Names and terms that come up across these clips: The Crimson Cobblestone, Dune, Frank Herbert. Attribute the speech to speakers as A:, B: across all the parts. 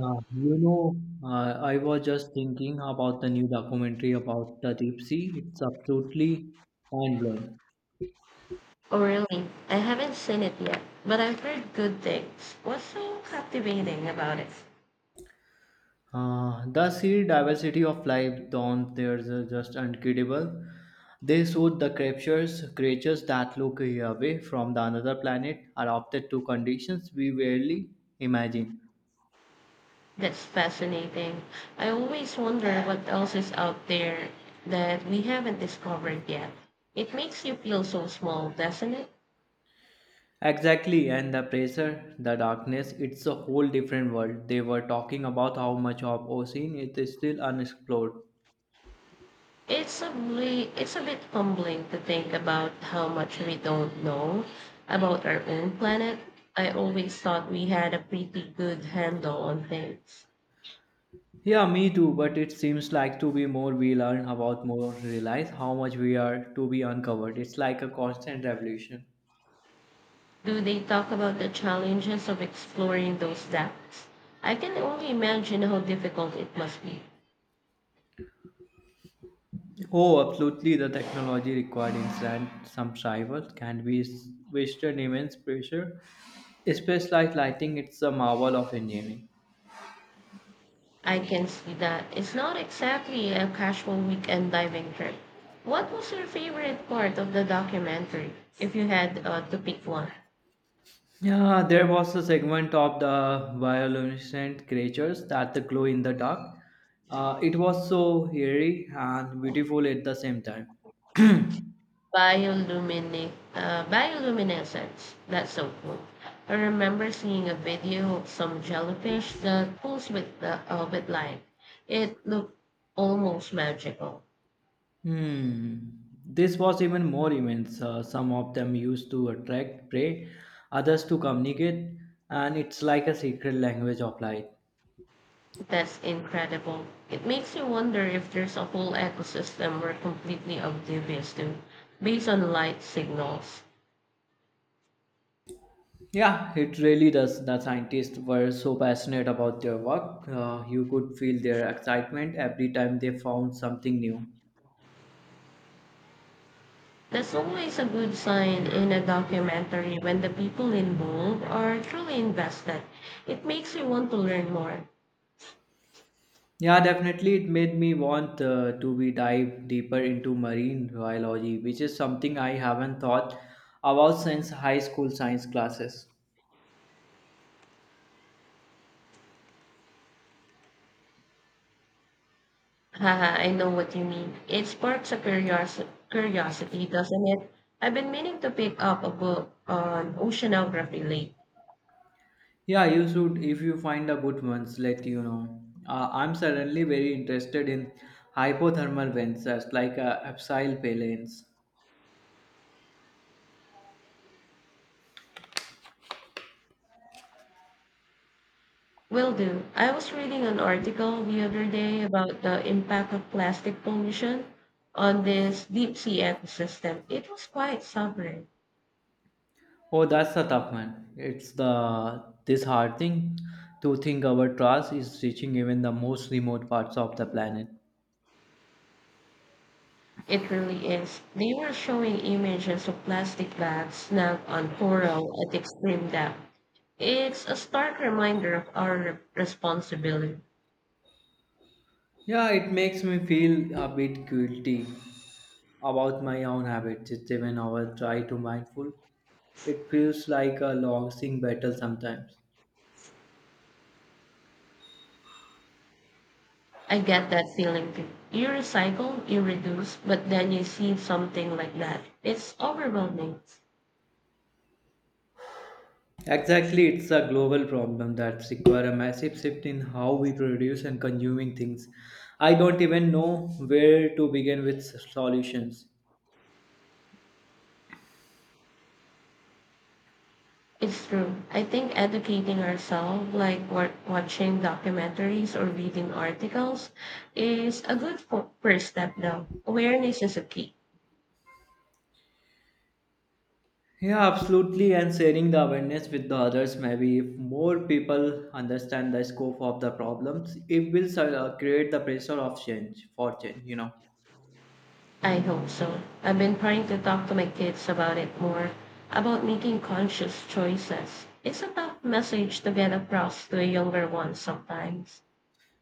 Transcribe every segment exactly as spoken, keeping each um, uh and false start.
A: Uh, you know, uh, I was just thinking about the new documentary about the deep sea. It's absolutely mind blowing.
B: Oh, really? I haven't seen it yet, but I've heard good things. What's so captivating about it?
A: Uh, the sea diversity of life down there is uh, just incredible. They showed the creatures, creatures that look away from the another planet, adapted to conditions we rarely imagine.
B: That's fascinating. I always wonder what else is out there that we haven't discovered yet. It makes you feel so small, doesn't it?
A: Exactly, and the pressure, the darkness, it's a whole different world. They were talking about how much of ocean is still unexplored.
B: It's a bli- it's a bit humbling to think about how much we don't know about our own planet. I always thought we had a pretty good handle on things.
A: Yeah, me too, but it seems like to be more we learn about more realize how much we are to be uncovered. It's like a constant revolution.
B: Do they talk about the challenges of exploring those depths? I can only imagine how difficult it must be.
A: Oh, absolutely. The technology required inside some rivals can be s- wasted immense pressure, especially like lighting. It's a marvel of engineering.
B: I can see that it's not exactly a casual weekend diving trip. What was your favorite part of the documentary, if you had uh, to pick one?
A: Yeah, there was a segment of the bioluminescent creatures that the glow in the dark. Uh, it was so eerie and beautiful at the same time.
B: Bioluminic, uh, bioluminescence. That's so cool. I remember seeing a video of some jellyfish that pulls with the uh, with light. It looked almost magical.
A: Hmm. This was even more immense. Uh, some of them used to attract prey, others to communicate, and it's like a secret language of life.
B: That's incredible. It makes you wonder if there's a whole ecosystem we're completely oblivious to, based on light signals.
A: Yeah, it really does. The scientists were so passionate about their work. Uh, you could feel their excitement every time they found something new.
B: That's always a good sign in a documentary when the people involved are truly invested. It makes you want to learn more.
A: Yeah, definitely, it made me want uh, to be dive deeper into marine biology, which is something I haven't thought about since high school science classes.
B: Haha, I know what you mean. It sparks a curios- curiosity, doesn't it? I've been meaning to pick up a book on oceanography lately.
A: Yeah, you should if you find a good ones, let you know. Uh, I'm suddenly very interested in hypothermal vents like a abseil palanes.
B: Will do. I was reading an article the other day about the impact of plastic pollution on this deep sea ecosystem. It was quite sobering.
A: Oh, that's a tough one. It's the this hard thing to think our trust is reaching even the most remote parts of the planet.
B: It really is. They were showing images of plastic bags snagged on coral at extreme depth. It's a stark reminder of our re- responsibility.
A: Yeah, it makes me feel a bit guilty about my own habits. It's even our try to mindful. It feels like a long sing battle sometimes.
B: I get that feeling too. You recycle, you reduce, but then you see something like that. It's overwhelming.
A: Exactly, it's a global problem that requires a massive shift in how we produce and consuming things. I don't even know where to begin with s- solutions.
B: It's true. I think educating ourselves, like wa- watching documentaries or reading articles, is a good fo- first step, though. Awareness is a key.
A: Yeah, absolutely, and sharing the awareness with the others. Maybe if more people understand the scope of the problems, it will sort of create the pressure of change for change. You know.
B: I hope so. I've been trying to talk to my kids about it more, about making conscious choices. It's a tough message to get across to a younger one sometimes.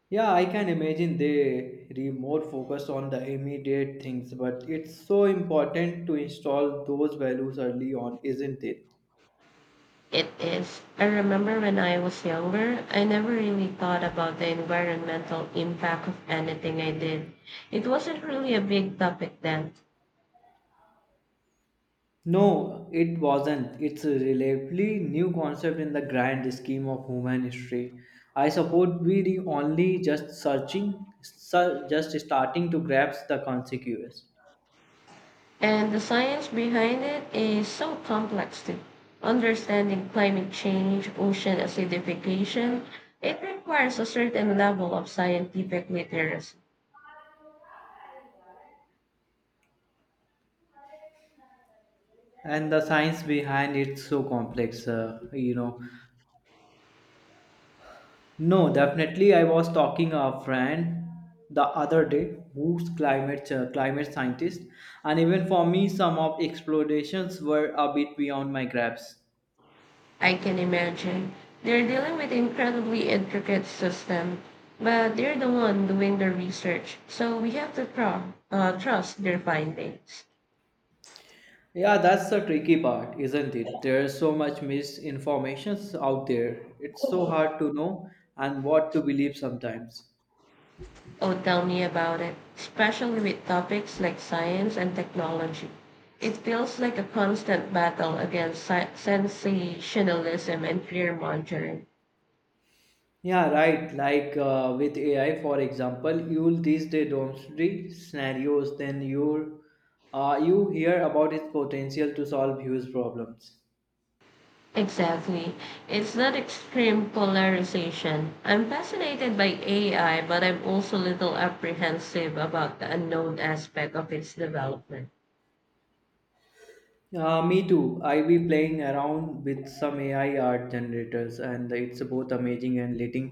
A: Yeah, I can imagine they re more focused on the immediate things, but it's so important to install those values early on, isn't it?
B: It is. I remember when I was younger, I never really thought about the environmental impact of anything I did. It wasn't really a big topic then.
A: No, it wasn't. It's a relatively new concept in the grand scheme of human history. I suppose we the only just searching, sur- just starting to grasp the consequences
B: And the science behind it is so complex too. Understanding climate change, ocean acidification, it requires a certain level of scientific literacy.
A: and the science behind it's so complex. Uh, you know, no, definitely. I was talking a friend the other day who's climate uh, climate scientist, and even for me, some of explorations were a bit beyond my grasp.
B: I can imagine. They're dealing with incredibly intricate system, but they're the one doing the research, so we have to tru- uh, trust their findings.
A: Yeah, that's the tricky part, isn't it? There's so much misinformations out there. It's so hard to know and what to believe sometimes.
B: Oh, tell me about it, especially with topics like science and technology. It feels like a constant battle against si- sensationalism and fear mongering.
A: Yeah, right. Like uh, with A I, for example, you'll these day doomsday scenarios, then you uh, you hear about its potential to solve huge problems.
B: Exactly. It's not extreme polarization. I'm fascinated by A I, but I'm also a little apprehensive about the unknown aspect of its development.
A: Uh, me too. I be playing around with some A I art generators, and it's both amazing and little,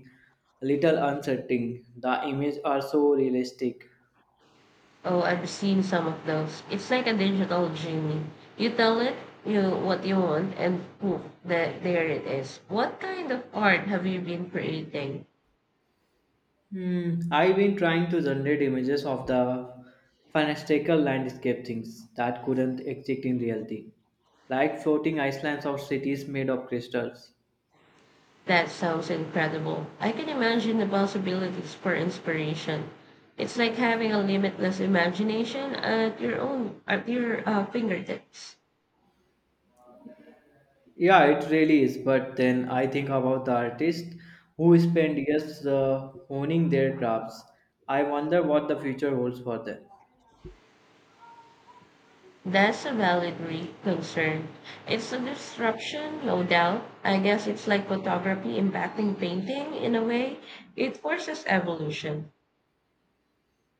A: little unsettling. The images are so realistic.
B: Oh, I've seen some of those. It's like a digital genie. You tell it you what you want and poof, that there it is. What kind of art have you been creating?
A: Hmm, I've been trying to generate images of the fantastical landscape things that couldn't exist in reality, like floating islands or cities made of crystals.
B: That sounds incredible. I can imagine the possibilities for inspiration. It's like having a limitless imagination at your own at your uh, fingertips.
A: Yeah, it really is, but then I think about the artists who spend years uh, honing their crafts. I wonder what the future holds for them.
B: That's a valid re- concern. It's a disruption, no doubt. I guess it's like photography impacting painting in a way. It forces evolution,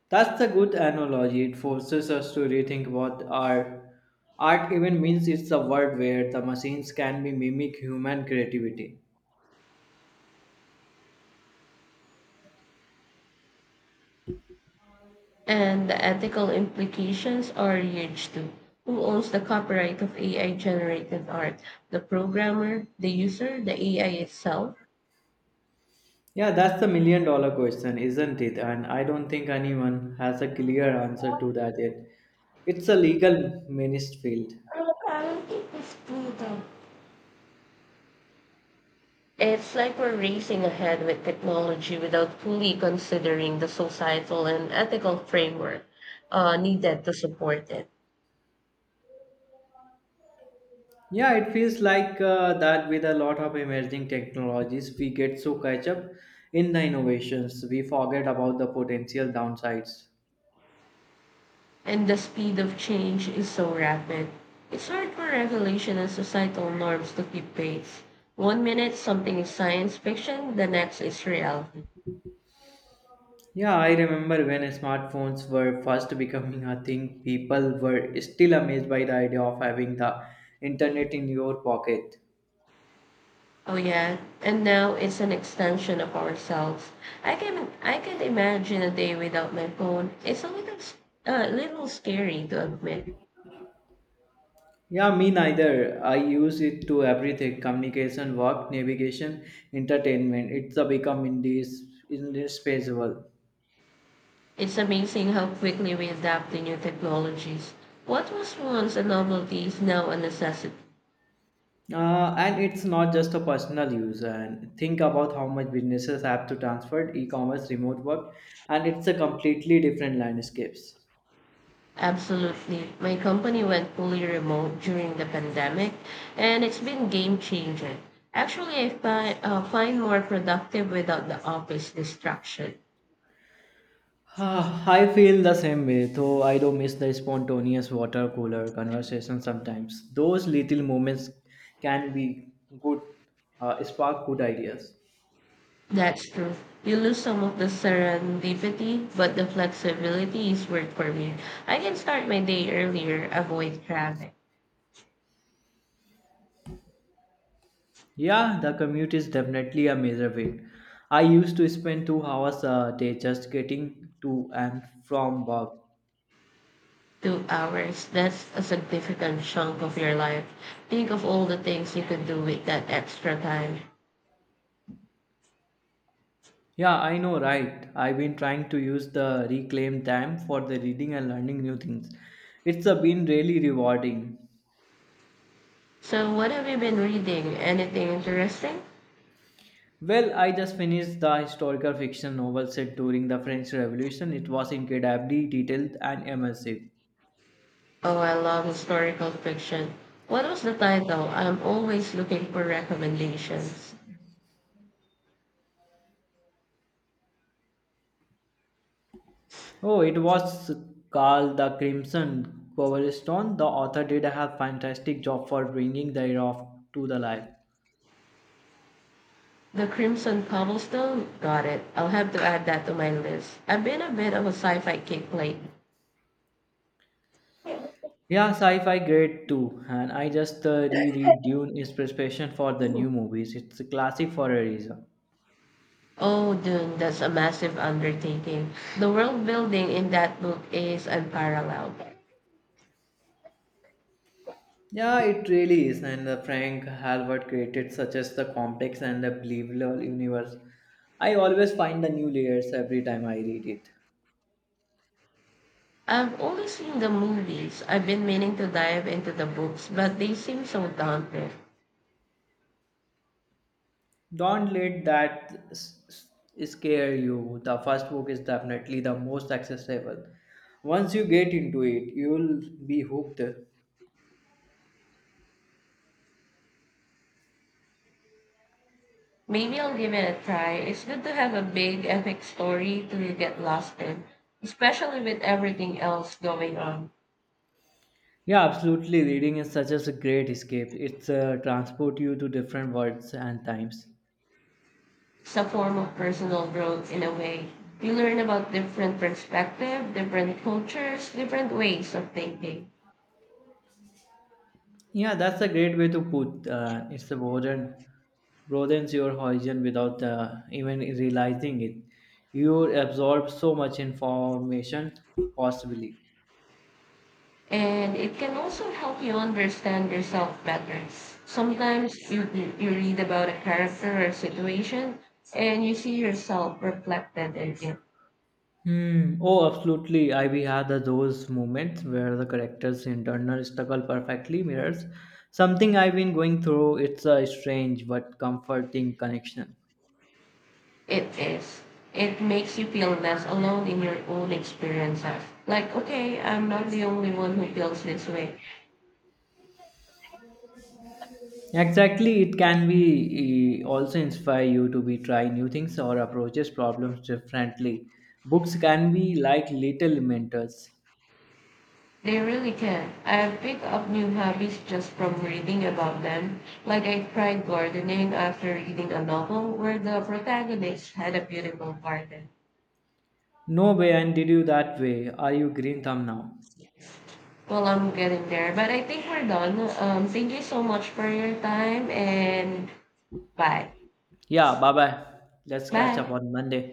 A: That's a good analogy. It forces us to rethink what our art even means. It's a world where the machines can be mimic human creativity.
B: and the ethical implications are huge too. Who owns the copyright of A I generated art? The programmer, the user, the A I itself?
A: Yeah, that's the million dollar question, isn't it? And I don't think anyone has a clear answer to that yet. It's a legal menaced field.
B: Our currency is freedom. It's like we're racing ahead with technology without fully considering the societal and ethical framework uh, needed to support it.
A: Yeah, it feels like uh, that with a lot of emerging technologies, we get so catch up in the innovations, we forget about the potential downsides.
B: And the speed of change is so rapid. It's hard for regulation and societal norms to keep pace. One minute something is science fiction, the next is reality.
A: Yeah, I remember when smartphones were first becoming a thing, people were still amazed by the idea of having the internet in your pocket.
B: Oh yeah, and now it's an extension of ourselves. I can I can imagine a day without my phone. It's a little s- a little scary to admit.
A: Yeah, me neither. I use it to everything communication, work, navigation, entertainment. It's a become indis- indispensable.
B: It's amazing how quickly we adapt to new technologies. What was once a novelty is now a necessity.
A: Uh, and it's not just a personal use. And think about how much businesses have to transfer e-commerce, remote work, and it's a completely different landscapes.
B: Absolutely. My company went fully remote during the pandemic, and it's been game changer. Actually, I find, uh, find more productive without the office distraction.
A: Ah, I feel the same way, though I do miss the spontaneous water cooler conversation sometimes. Those little moments can be good, uh, spark good ideas.
B: That's true. You lose some of the serendipity, but the flexibility is worth for me. I can start my day earlier, avoid traffic.
A: Yeah, the commute is definitely a major of I used to spend two hours a day just getting to and from work.
B: Two hours, that's a significant chunk of your life. Think of all the things you could do with that extra time.
A: Yeah, I know, right? I've been trying to use the reclaimed time for the reading and learning new things. It's uh, been really rewarding.
B: So, what have you been reading? Anything interesting?
A: Well, I just finished the historical fiction novel set during the French Revolution. It was incredibly detailed and immersive.
B: Oh, I love historical fiction. What was the title? I'm always looking for recommendations.
A: Oh, it was called The Crimson Cobblestone. The author did a fantastic job for bringing the era of, to the life.
B: The Crimson Cobblestone? Got it. I'll have to add that to my list. I've been a bit of a sci-fi kick lately.
A: Yeah, sci-fi great too. And I just uh, reread Dune is preparation for the new movies. It's a classic for a reason.
B: Oh, Dune, that's a massive undertaking. The world building in that book is unparalleled.
A: Yeah, it really is. And uh, Frank Herbert created such as the complex and the believable universe. I always find the new layers every time I read it.
B: I've only seen the movies. I've been meaning to dive into the books, but they seem so daunting.
A: Don't let that s- s- scare you. The first book is definitely the most accessible. Once you get into it, you'll be hooked.
B: Maybe I'll give it a try. It's good to have a big epic story to get lost in, especially with everything else going on.
A: Yeah, absolutely. Reading is such a great escape. It's uh, transport you to different worlds and times.
B: It's a form of personal growth in a way. You learn about different perspectives, different cultures, different ways of thinking.
A: Yeah, that's a great way to put. Uh, it's a broaden, broadens your horizon without uh, even realizing it. You absorb so much information possibly.
B: And it can also help you understand yourself better. Sometimes you, you read about a character or situation and you see yourself reflected in it.
A: Hmm. Oh, absolutely. I we had the- those moments where the character's internal struggle perfectly mirrors something I've been going through. It's a strange but comforting connection.
B: It is. It makes you feel less alone in your own experiences. Like, okay, I'm not the only one who feels this way.
A: Exactly, it can be eh, also inspire you to be try new things or approaches problems differently. Books can be like little mentors.
B: They really can. I've picked up new hobbies just from reading about them. Like I tried gardening after reading a novel where the protagonist had a beautiful garden.
A: No way, and did you that way? Are you green thumb now?
B: Well, I'm getting there, but I think we're done. Um, thank you so much for your time and bye.
A: Yeah, bye bye. Let's catch up
B: Bye.
A: on Monday.